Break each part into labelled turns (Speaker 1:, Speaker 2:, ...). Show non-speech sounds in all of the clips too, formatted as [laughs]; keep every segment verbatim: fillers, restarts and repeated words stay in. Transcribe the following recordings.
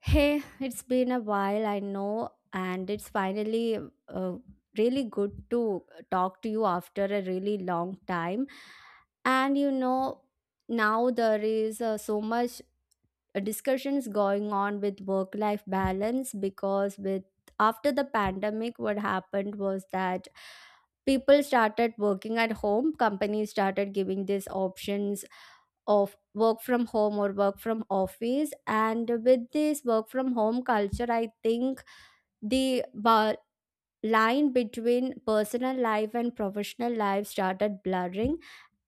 Speaker 1: Hey, it's been a while, I know, and it's finally uh, really good to talk to you after a really long time. And you know, now there is uh, so much uh, discussions going on with work life balance because with after the pandemic what happened was that people started working at home, companies started giving these options of work from home or work from office, and with this work from home culture I think the ba- line between personal life and professional life started blurring,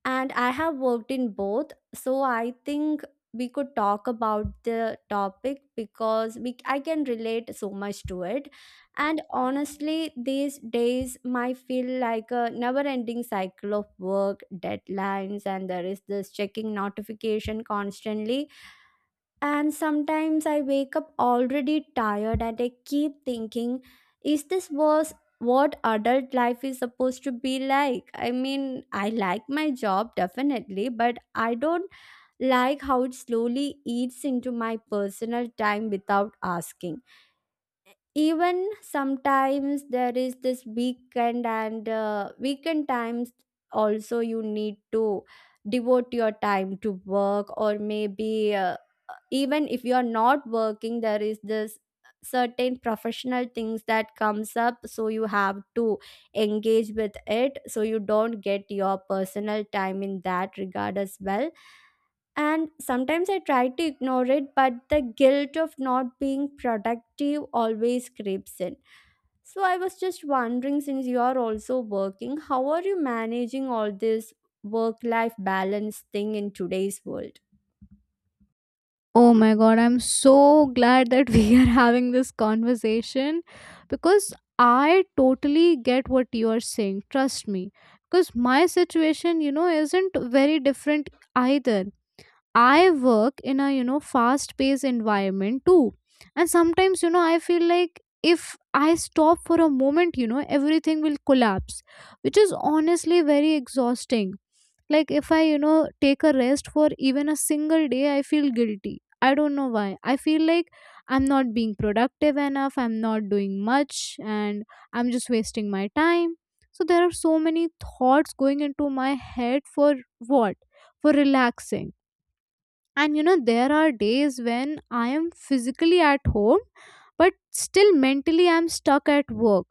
Speaker 1: and I have worked in both. So I think we could talk about the topic because we I can relate so much to it. And honestly, these days might feel like a never-ending cycle of work, deadlines, and there is this checking notification constantly, and sometimes I wake up already tired and I keep thinking, is this was what adult life is supposed to be like? I mean, I like my job definitely, but I don't like how it slowly eats into my personal time without asking. Even sometimes there is this weekend and uh, weekend times also you need to devote your time to work, or maybe uh, even if you are not working there is this certain professional things that comes up, so you have to engage with it, so you don't get your personal time in that regard as well. And sometimes I try to ignore it, but the guilt of not being productive always creeps in. So I was just wondering, since you are also working, how are you managing all this work life balance thing in today's world?
Speaker 2: Oh my god, I'm so glad that [laughs] we are having this conversation because I totally get what you are saying. Trust me. Because my situation, you know, isn't very different either. I work in a, you know, fast paced environment too. And sometimes, you know, I feel like if I stop for a moment, you know, everything will collapse, which is honestly very exhausting. Like, if i you know take a rest for even a single day, I feel guilty. I don't know why. I feel like I'm not being productive enough, I'm not doing much, and I'm just wasting my time. So there are so many thoughts going into my head for what, for relaxing. And you know there are days when I am physically at home but still mentally I'm stuck at work,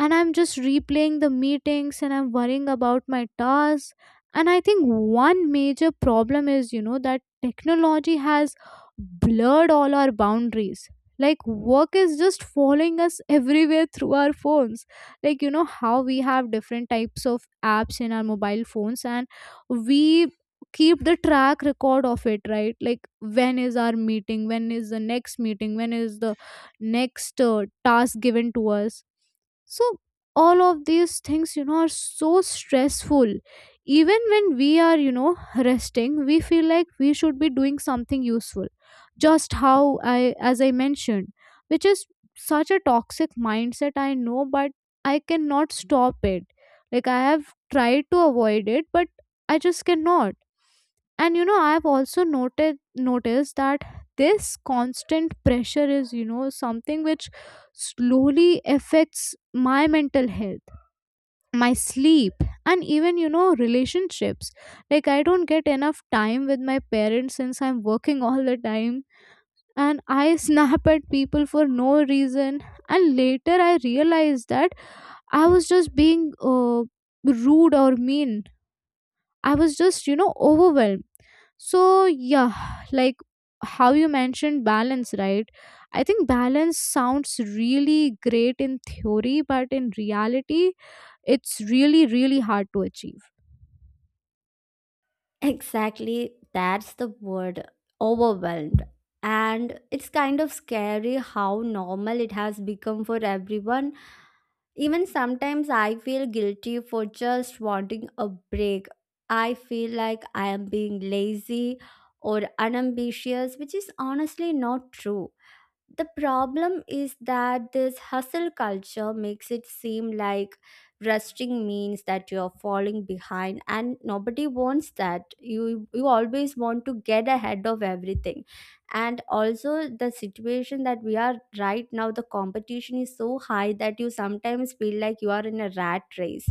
Speaker 2: and I'm just replaying the meetings and I'm worrying about my tasks. And I think one major problem is, you know, that technology has blurred all our boundaries. Like, work is just following us everywhere through our phones. Like, you know, how we have different types of apps in our mobile phones and we keep the track record of it, right? Like, when is our meeting? When is the next meeting? When is the next uh, task given to us? So, all of these things, you know, are so stressful. Even when we are, you know, resting, we feel like we should be doing something useful. Just how I, as I mentioned, which is such a toxic mindset, I know, but I cannot stop it. Like, I have tried to avoid it, but I just cannot. And you know I've also noted noticed that this constant pressure is, you know, something which slowly affects my mental health, my sleep, and even, you know, relationships. Like, I don't get enough time with my parents since I'm working all the time, and I [laughs] snap at people for no reason and later I realized that I was just being uh, rude or mean. I was just, you know, overwhelmed. So, yeah, like how you mentioned balance, right? I think balance sounds really great in theory, but in reality, it's really, really hard to achieve.
Speaker 1: Exactly, that's the word, overwhelmed. And it's kind of scary how normal it has become for everyone. Even sometimes I feel guilty for just wanting a break. I feel like I am being lazy or unambitious, which is honestly not true. The problem is that this hustle culture makes it seem like resting means that you're falling behind, and nobody wants that. You you always want to get ahead of everything. And also, the situation that we are right now, the competition is so high that you sometimes feel like you are in a rat race,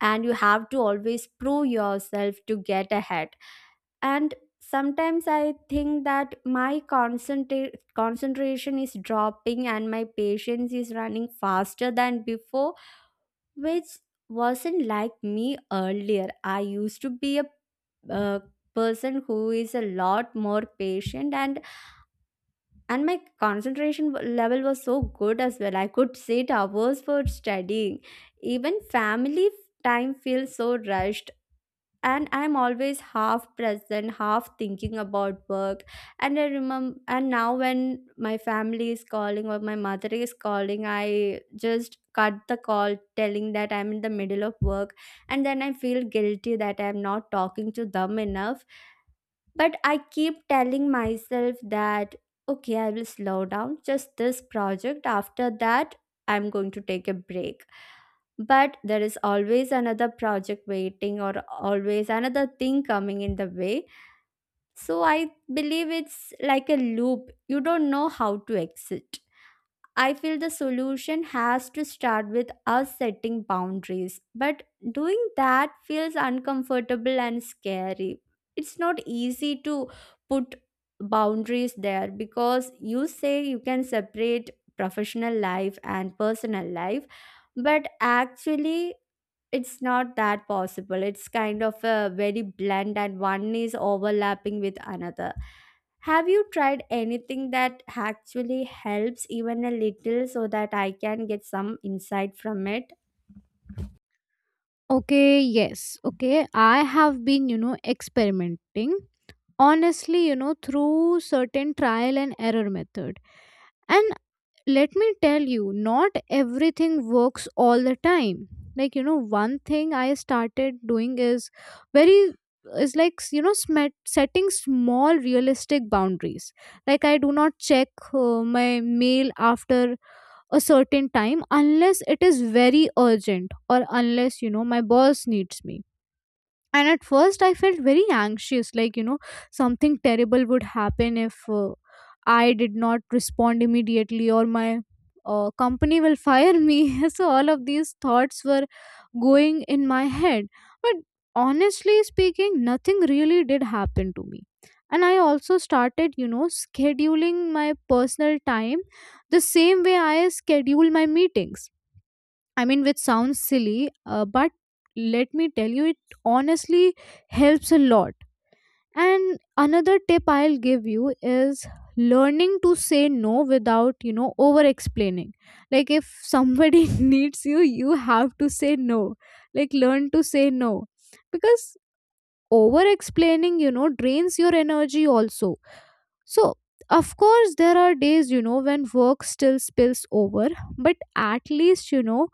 Speaker 1: and you have to always prove yourself to get ahead. And sometimes I think that my concentra- concentration is dropping and my patience is running faster than before, which wasn't like me earlier. I used to be a uh, person who is a lot more patient, and and my concentration w- level was so good as well. I could sit hours for studying. Even family f- time feels so rushed, and I'm always half present, half thinking about work. And i remember and now when my family is calling or my mother is calling, I just cut the call telling that I'm in the middle of work, and then I feel guilty that I'm not talking to them enough. But I keep telling myself that, okay, I will slow down just this project. After that, I'm going to take a break. But there is always another project waiting, or always another thing coming in the way. So I believe it's like a loop. You don't know how to exit. I feel the solution has to start with us setting boundaries, but doing that feels uncomfortable and scary. It's not easy to put boundaries there, because you say you can separate professional life and personal life, but actually it's not that possible. It's kind of a very blend, and one is overlapping with another. Have you tried anything that actually helps even a little, so that I can get some insight from it?
Speaker 2: Okay, yes, okay. I have been, you know, experimenting, honestly, you know, through certain trial and error method. And let me tell you, not everything works all the time. Like, you know, one thing I started doing is very is like, you know, smet setting small realistic boundaries. Like, I do not check uh, my mail after a certain time unless it is very urgent or unless, you know, my boss needs me. And at first I felt very anxious, like, you know, something terrible would happen if uh, I did not respond immediately or my uh, company will fire me. [laughs] So all of these thoughts were going in my head, but honestly speaking, nothing really did happen to me. And I also started, you know, scheduling my personal time the same way I schedule my meetings. I mean, which sounds silly, uh, but let me tell you, it honestly helps a lot. And another tip I'll give you is learning to say no without, you know, over explaining. Like, if somebody [laughs] needs you, you have to say no. Like, learn to say no. Because over explaining, you know, drains your energy also. So, of course, there are days, you know, when work still spills over, but at least, you know,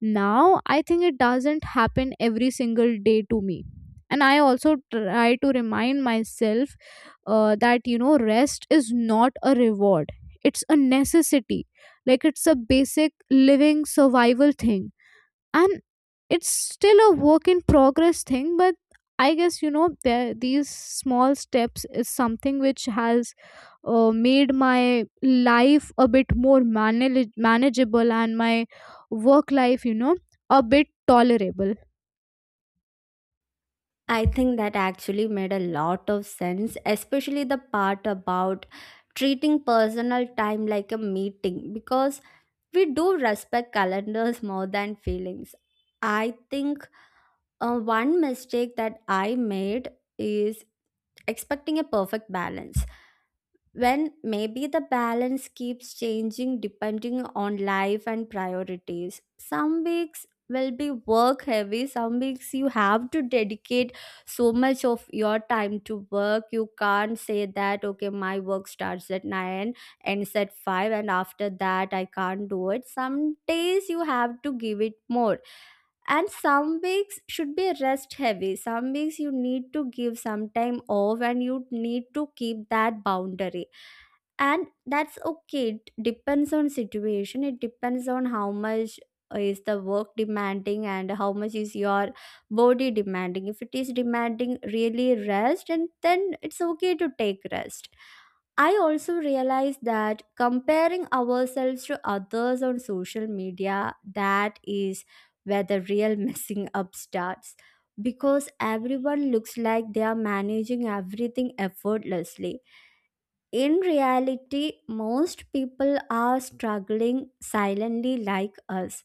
Speaker 2: now I think it doesn't happen every single day to me. And I also try to remind myself uh, that, you know, rest is not a reward, it's a necessity. Like, it's a basic living survival thing, and it's still a work in progress thing. But I guess, you know, there these small steps is something which has uh, made my life a bit more manage- manageable and my work life, you know, a bit tolerable.
Speaker 1: I think that actually made a lot of sense, especially the part about treating personal time like a meeting, because we do respect calendars [laughs] more than feelings. I think uh, one mistake that I made is expecting a perfect balance, when maybe the balance keeps changing depending on life and priorities. Some weeks will be work heavy, some weeks you have to dedicate so much of your time to work. You can't say that okay, my work starts at nine, ends at five, and after that I can't do it. Some days you have to give it more, and some weeks should be rest heavy. Some weeks you need to give some time off and you need to keep that boundary, and that's okay. It depends on situation, it depends on how much is the work demanding and how much is your body demanding. If it is demanding really rest, and then it's okay to take rest. I also realize that comparing ourselves to others on social media, that is where the real [laughs] messing up starts, because everyone looks like they are managing everything effortlessly. In reality, most people are struggling silently like us.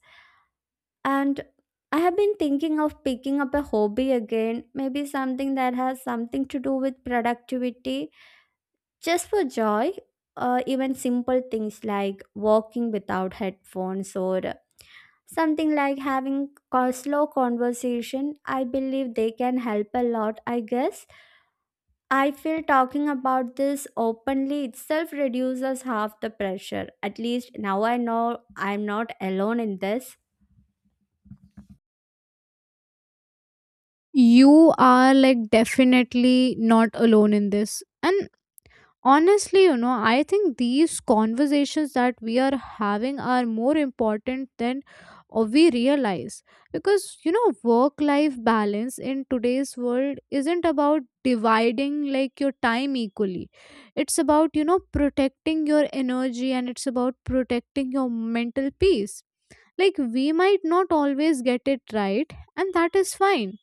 Speaker 1: And I have been thinking of picking up a hobby again, maybe something that has something to do with productivity, just for joy. Uh, even simple things like walking without headphones, or something like having a slow conversation, I believe they can help a lot, I guess. I feel talking about this openly itself reduces half the pressure. At least now I know I'm not alone in this.
Speaker 2: You are, like, definitely not alone in this. And honestly, you know, I think these conversations that we are having are more important than uh, we realize, because, you know, work life balance in today's world isn't about dividing like your time equally. It's about, you know, protecting your energy, and it's about protecting your mental peace. Like, we might not always get it right, and that is fine,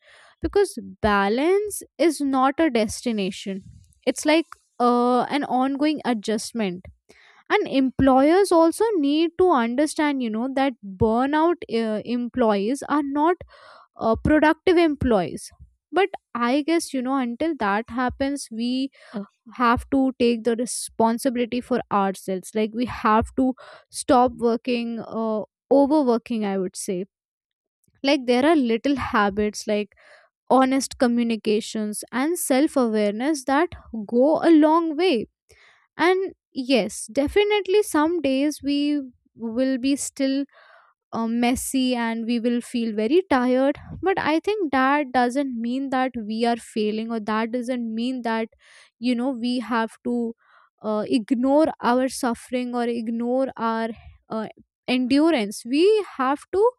Speaker 2: because balance is not a destination. It's like uh, an ongoing adjustment. And employers also need to understand, you know, that burnout uh, employees are not uh, productive employees. But I guess, you know, until that happens, we have to take the responsibility for ourselves. Like, we have to stop working uh, overworking, I would say. Like, there are little habits like honest communications and self awareness that go a long way. And yes, definitely, some days we will be still uh, messy, and we will feel very tired, but I think that doesn't mean that we are failing, or that doesn't mean that, you know, we have to uh, ignore our suffering or ignore our uh, endurance. We have to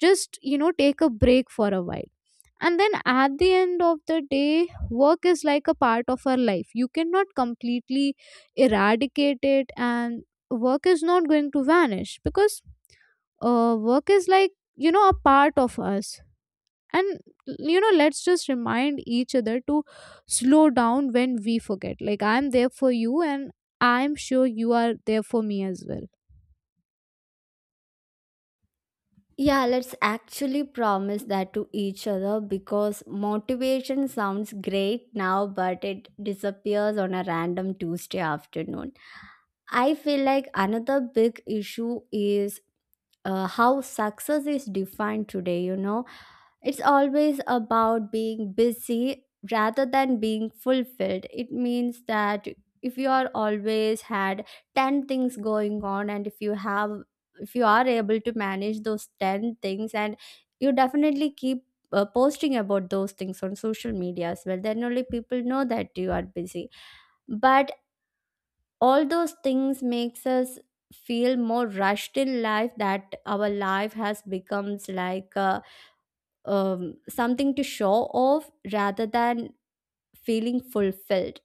Speaker 2: just, you know, take a break for a while. And then at the end of the day, work is like a part of our life. You cannot completely eradicate it, and work is not going to vanish because uh, work is like, you know, a part of us. And, you know, let's just remind each other to slow down when we forget. Like, I'm there for you, and I'm sure you are there for me as well.
Speaker 1: Yeah, let's actually promise that to each other, because motivation sounds great now, but it disappears on a random Tuesday afternoon. I feel like another big issue is uh, how success is defined today. You know, it's always about being busy rather than being fulfilled. It means that if you are always had ten things going on, and if you have if you are able to manage those ten things, and you definitely keep uh, posting about those things on social media as well, then only people know that you are busy. But all those things makes us feel more rushed in life, that our life has becomes like uh, um, something to show off rather than feeling fulfilled.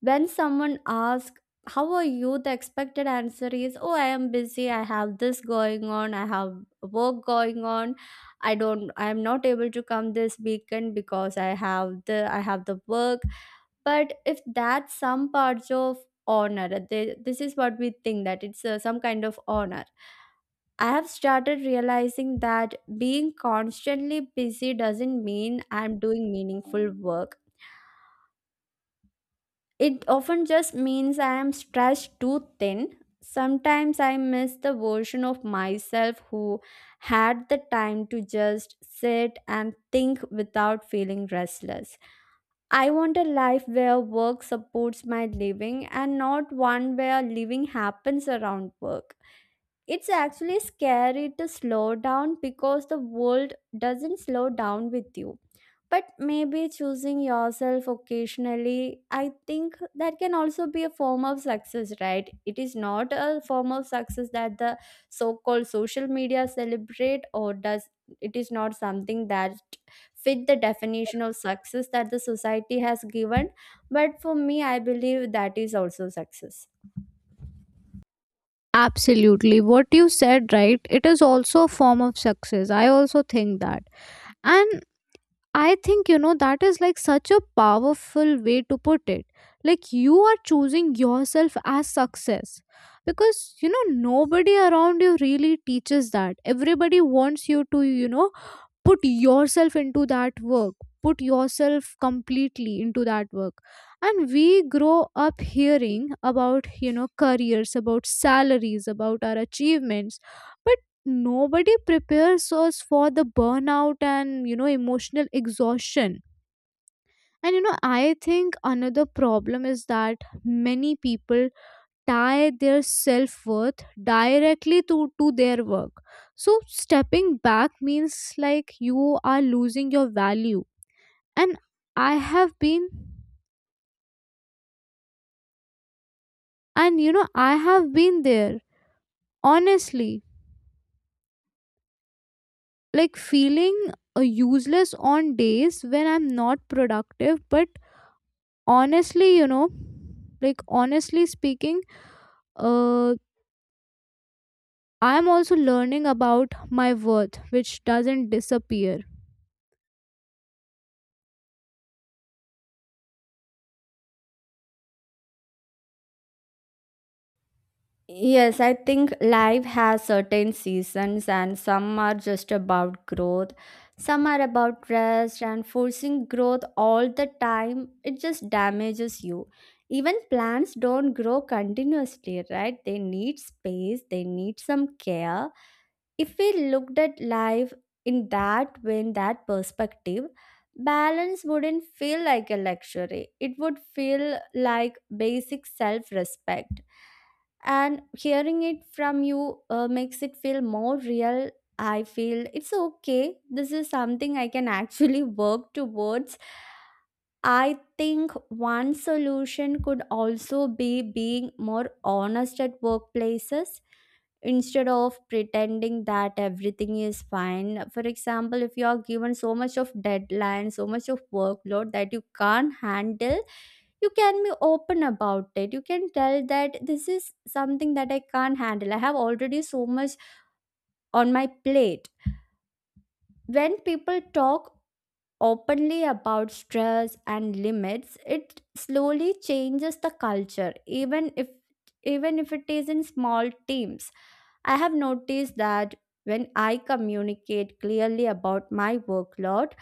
Speaker 1: When someone asks how are you, the expected answer is, oh, I am busy, I have this going on, I have work going on, i don't I am not able to come this weekend because i have the I have the work. But if that's some parts of honor th- this is what we think, that it's uh, some kind of honor. I have started realizing that being constantly busy doesn't mean I'm doing meaningful work. It often just means I am stretched too thin. Sometimes I miss the version of myself who had the time to just sit and think without feeling restless. I want a life where work supports my living, and not one where living happens around work. It's actually scary to slow down because the world doesn't slow down with you. But maybe choosing yourself occasionally, I think that can also be a form of success, right? It is not a form of success that the so called social media celebrate, or does it is not something that fit the definition of success that the society has given. But for me, I believe that is also success.
Speaker 2: Absolutely. What you said, right, it is also a form of success. I also think that. And I think, you know, that is like such a powerful way to put it. Like, you are choosing yourself as success, because, you know, nobody around you really teaches that. Everybody wants you to, you know, put yourself into that work, put yourself completely into that work. And we grow up hearing about, you know, careers, about salaries, about our achievements, but nobody prepares us for the burnout and, you know, emotional exhaustion. And, you know, I think another problem is that many people tie their self-worth directly to, to their work. So stepping back means like you are losing your value. And I have been, and, you know, I have been there, honestly, like feeling uh, useless on days when I'm not productive. But honestly, you know, like honestly speaking, uh I'm also learning about my worth, which doesn't disappear.
Speaker 1: Yes, I think life has certain seasons, and some are just about growth, some are about rest, and forcing growth all the time, it just damages you. Even plants don't grow continuously, right? They need space, they need some care. If we looked at life in that way, in that perspective, balance wouldn't feel like a luxury, it would feel like basic self respect. And hearing it from you uh, makes it feel more real. I feel it's okay, this is something I can actually [laughs] work towards. I think one solution could also be being more honest at workplaces instead of pretending that everything is fine. For example, if you are given so much of deadline, so much of workload that you can't handle, you can be open about it. You can tell that this is something that I can't handle. I have already so much on my plate. When people talk openly about stress and limits, it slowly changes the culture, even if even if it is in small teams. I have noticed that when I communicate clearly about my workload,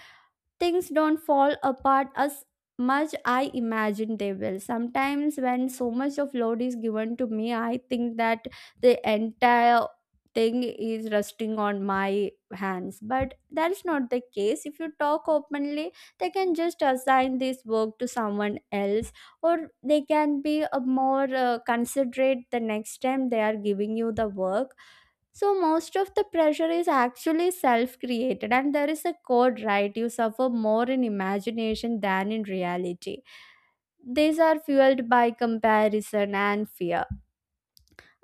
Speaker 1: things don't fall apart as much I imagine they will. Sometimes, when so much of load is given to me, I think that the entire thing is resting on my hands, but that's not the case. If you talk openly, they can just assign this work to someone else, or they can be a more uh, considerate the next time they are giving you the work. So most of the pressure is actually self-created, and there is a code, right? You suffer more in imagination than in reality. These are fueled by comparison and fear.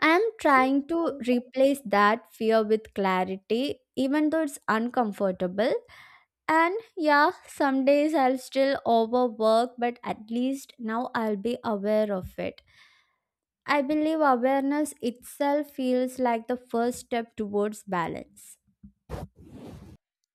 Speaker 1: I am trying to replace that fear with clarity, even though it's uncomfortable. And yeah, some days I'll still overwork, but at least now I'll be aware of it. I believe awareness itself feels like the first step towards balance.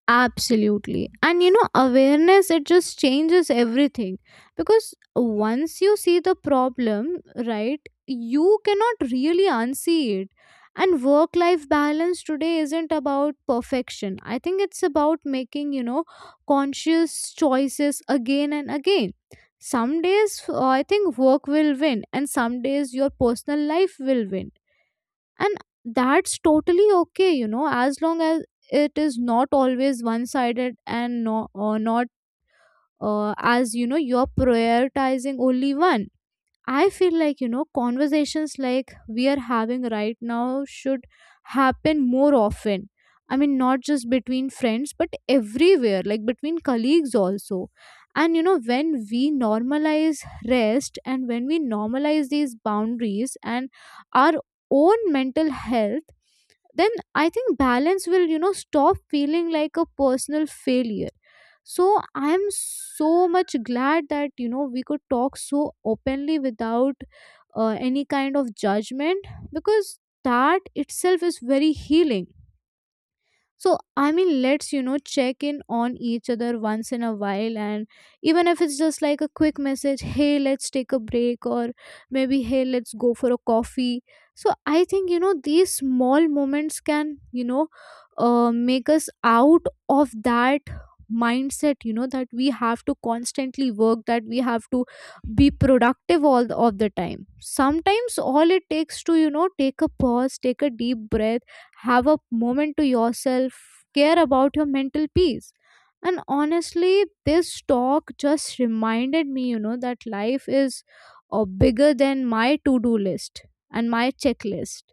Speaker 2: Absolutely. And, you know, awareness, it just changes everything. Because once you see the problem, right, you cannot really unsee it. And work life balance today isn't about perfection. I think it's about making, you know, conscious choices again and again. Some days, uh, I think work will win, and some days your personal life will win, and that's totally okay, you know, as long as it is not always one sided. And no, or not, uh, as you know, you're prioritizing only one. I feel like, you know, conversations like we are having right now should happen more often. I mean, not just between friends, but everywhere, like between colleagues also. And, you know, when we normalize rest, and when we normalize these boundaries and our own mental health, then I think balance will, you know, stop feeling like a personal failure. So I am so much glad that, you know, we could talk so openly without uh, any kind of judgment, because that itself is very healing. So, I mean, let's, you know, check in on each other once in a while, and even if it's just like a quick message, hey, let's take a break, or maybe hey, let's go for a coffee. So I think, you know, these small moments can, you know, uh, make us out of that mindset, you know, that we have to constantly work, that we have to be productive all the, of the time. Sometimes all it takes to, you know, take a pause, take a deep breath, have a moment to yourself, care about your mental peace. And honestly, this talk just reminded me, you know, that life is uh, bigger than my to do list and my checklist.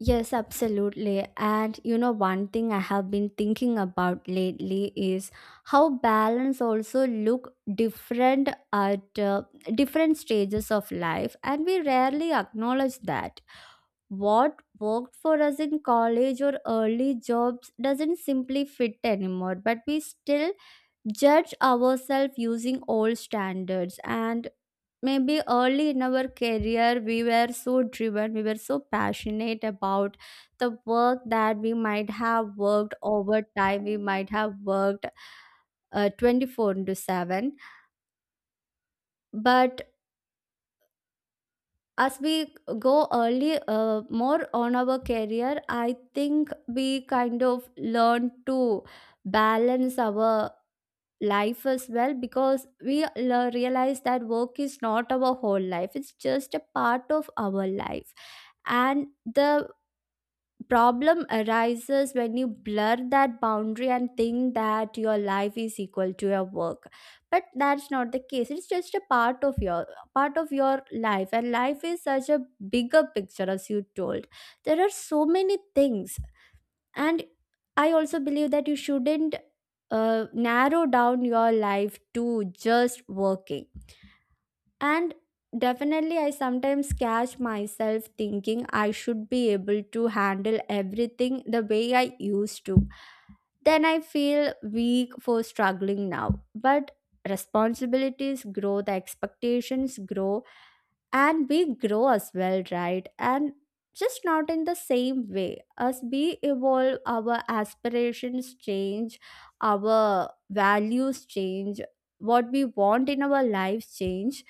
Speaker 1: Yes, absolutely. And you know, one thing I have been thinking about lately is how balance also look different at uh, different stages of life, and we rarely acknowledge that. What worked for us in college or early jobs doesn't simply fit anymore, but we still judge ourselves using old standards. And maybe early in our career we were so driven we were so passionate about the work that we might have worked overtime, we might have worked uh, twenty-four into seven. But as we go early, uh, more on our career, I think we kind of learn to balance our life as well, because we lear- realize that work is not our whole life, it's just a part of our life. And the problem arises when you blur that boundary and think that your life is equal to your work, but that's not the case. It's just a part of your part of your life, and life is such a bigger picture. As you told, there are so many things. And I also believe that you shouldn't uh, narrow down your life to just working. And definitely, I sometimes catch myself thinking I should be able to handle everything the way I used to. Then I feel weak for struggling now. But responsibilities grow, the expectations grow, and we grow as well, right? And just not in the same way. As we evolve, our aspirations change, our values change, what we want in our lives change.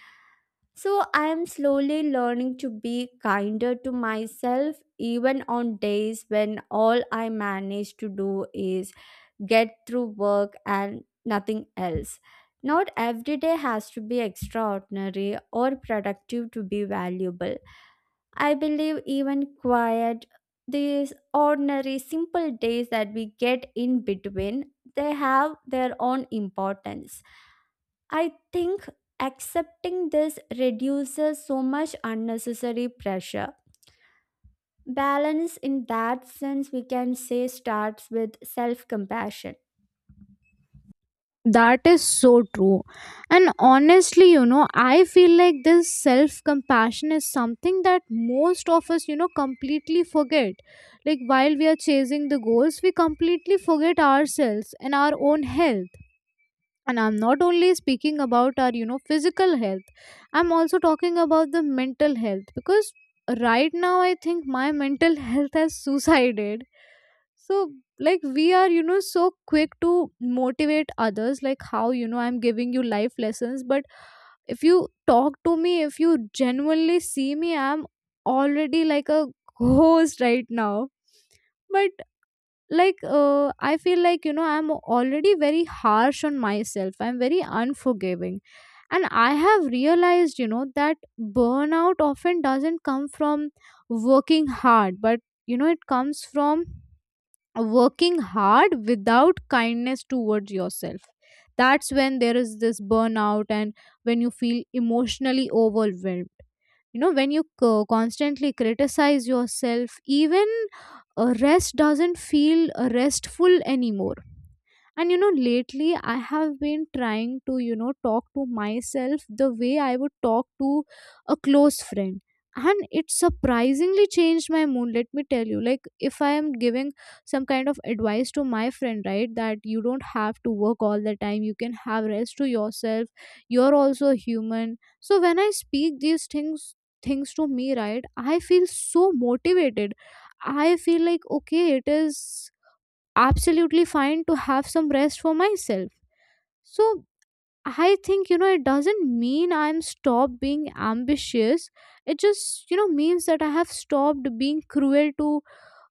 Speaker 1: So I am slowly learning to be kinder to myself, even on days when all I manage to do is get through work and nothing else. Not every day has to be extraordinary or productive to be valuable. I believe even quiet, these ordinary, simple days that we get in between, they have their own importance. I think accepting this reduces so much unnecessary pressure. Balance, in that sense, we can say, starts with self compassion.
Speaker 2: That is so true. And honestly, you know, I feel like this self compassion is something that most of us, you know, completely forget. Like, while we are chasing the goals, we completely forget ourselves and our own health. And I'm not only speaking about our, you know, physical health, I'm also talking about the mental health, because right now I think my mental [laughs] health has suicided. So, like, we are, you know, so quick to motivate others, like how, you know, I'm giving you life lessons, but if you talk to me, if you genuinely see me, I'm already like a [laughs] ghost right now. But, like, uh, I feel like, you know, I'm already very harsh on myself, I'm very unforgiving. And I have realized, you know, that burnout often doesn't come from working hard, but, you know, it comes from working hard without kindness towards yourself. That's when there is this burnout, and when you feel emotionally overwhelmed, you know, when you co- constantly criticize yourself, even uh, rest doesn't feel uh, restful anymore. And, you know, lately I have been trying to, you know, talk to myself the way I would talk to a close friend, and it surprisingly changed my mood. Let me tell you, like, if I am giving some kind of advice to my friend, right, that you don't have to work all the time, you can have rest to yourself, you're also human. So when I speak these things things to me, right, I feel so motivated. I feel like okay, it is absolutely fine to have some rest for myself. So I think, you know, it doesn't mean I'm stopped being ambitious. It just, you know, means that I have stopped being cruel to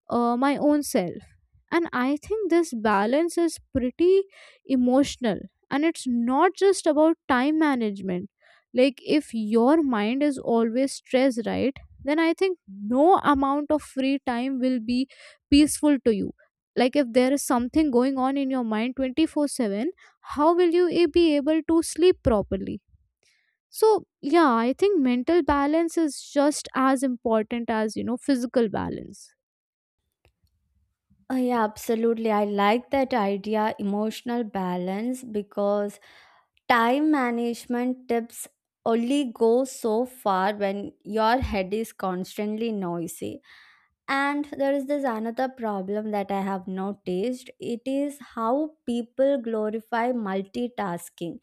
Speaker 2: uh, my own self. And I think this balance is pretty emotional, and it's not just about time management. Like, if your mind is always stressed, right, then I think no amount of free time will be peaceful to you. Like, if there is something going on in your mind twenty four seven, how will you a- be able to sleep properly? So, yeah, I think mental balance is just as important as, you know, physical balance.
Speaker 1: Oh, yeah, absolutely. I like that idea, emotional balance, because time management tips only go so far when your head is constantly noisy. And there is this another problem that I have noticed. It is how people glorify multitasking,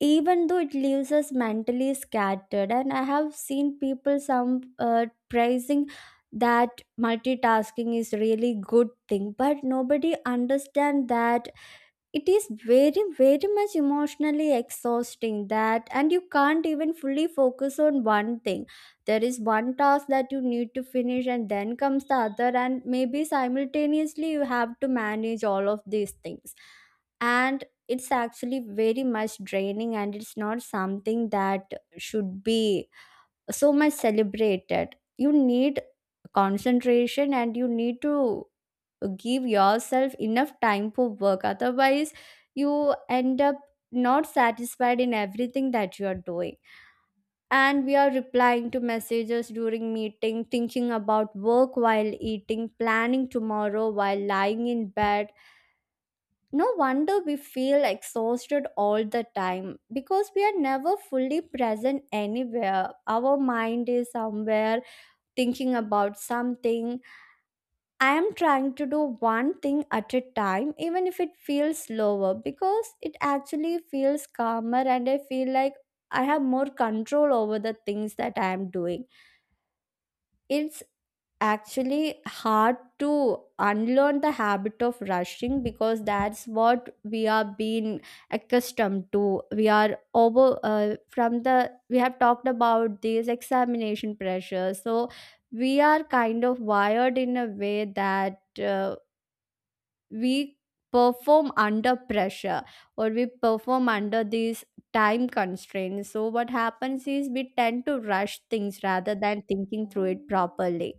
Speaker 1: even though it leaves us mentally scattered. And I have seen people some uh, praising that multitasking is really good thing, but nobody understand that it is very very much emotionally exhausting that, and you can't even fully focus on one thing. There is one task that you need to finish, and then comes the other, and maybe simultaneously you have to manage all of these things. And it's actually very much draining, and it's not something that should be so much celebrated. You need concentration, and you need to give yourself enough time for work. Otherwise you end up not satisfied in everything that you are doing. And we are replying to messages during meeting, thinking about work while eating, planning tomorrow while lying in bed. No wonder we feel exhausted all the time, because we are never fully present anywhere. Our mind is somewhere thinking about something. I am trying to do one thing at a time, even if it feels slower, because it actually feels calmer and I feel like I have more control over the things that I am doing. It's actually hard to unlearn the habit of rushing, because that's what we are being accustomed to. We are over, uh, from the we have talked about these examination pressure, so we are kind of wired in a way that, uh, we perform under pressure, or we perform under these time constraints. So what happens is we tend to rush things rather than thinking through it properly,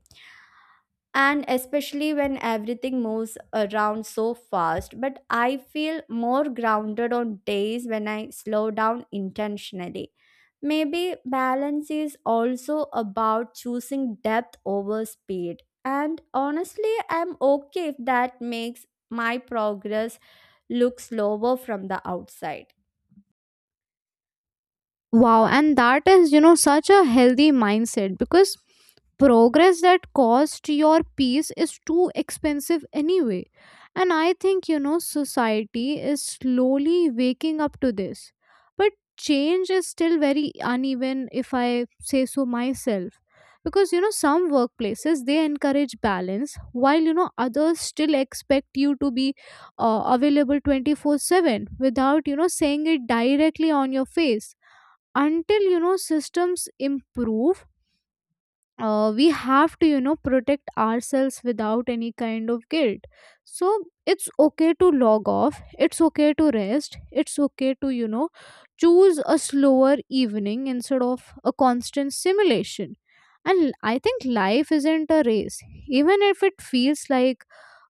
Speaker 1: and especially when everything moves around so fast. But I feel more grounded on days when I slow down intentionally. Maybe balance is also about choosing depth over speed. And honestly, I'm okay if that makes my progress look slower from the outside.
Speaker 2: Wow, and that is, you know, such a healthy mindset, because progress that cost your peace is too expensive anyway. And I think, you know, society is slowly waking up to this. But change is still very uneven, if I say so myself. Because, you know, some workplaces they encourage balance while, you know, others still expect you to be uh, available twenty four seven without, you know, saying it directly on your face. Until, you know, systems improve, uh, we have to, you know, protect ourselves without any kind of guilt. So it's okay to log off, it's okay to rest, it's okay to, you know, choose a slower evening instead of a constant simulation. And I think life isn't a race, even if it feels like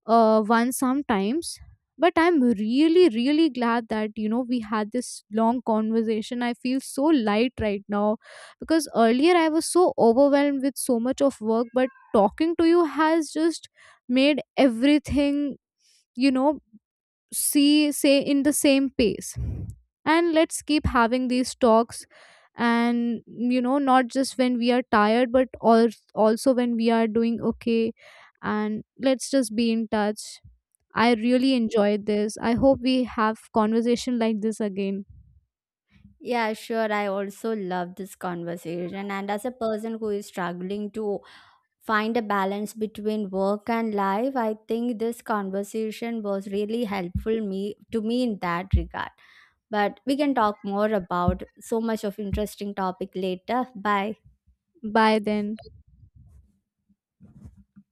Speaker 2: uh, one sometimes. But I'm really, really glad that, you know, we had this long conversation. I feel so light right now, because earlier I was so overwhelmed with so much of work, but talking to you has just made everything, you know, see say in the same pace. And let's keep having these talks, and, you know, not just when we are tired, but al- also when we are doing okay. And let's just be in touch. I really enjoyed this. I hope we have conversation like this again.
Speaker 1: Yeah, sure. I also love this conversation. And as a person who is struggling to find a balance between work and life, I think this conversation was really helpful me to me in that regard. But we can talk more about so much of interesting topic later. Bye.
Speaker 2: Bye then.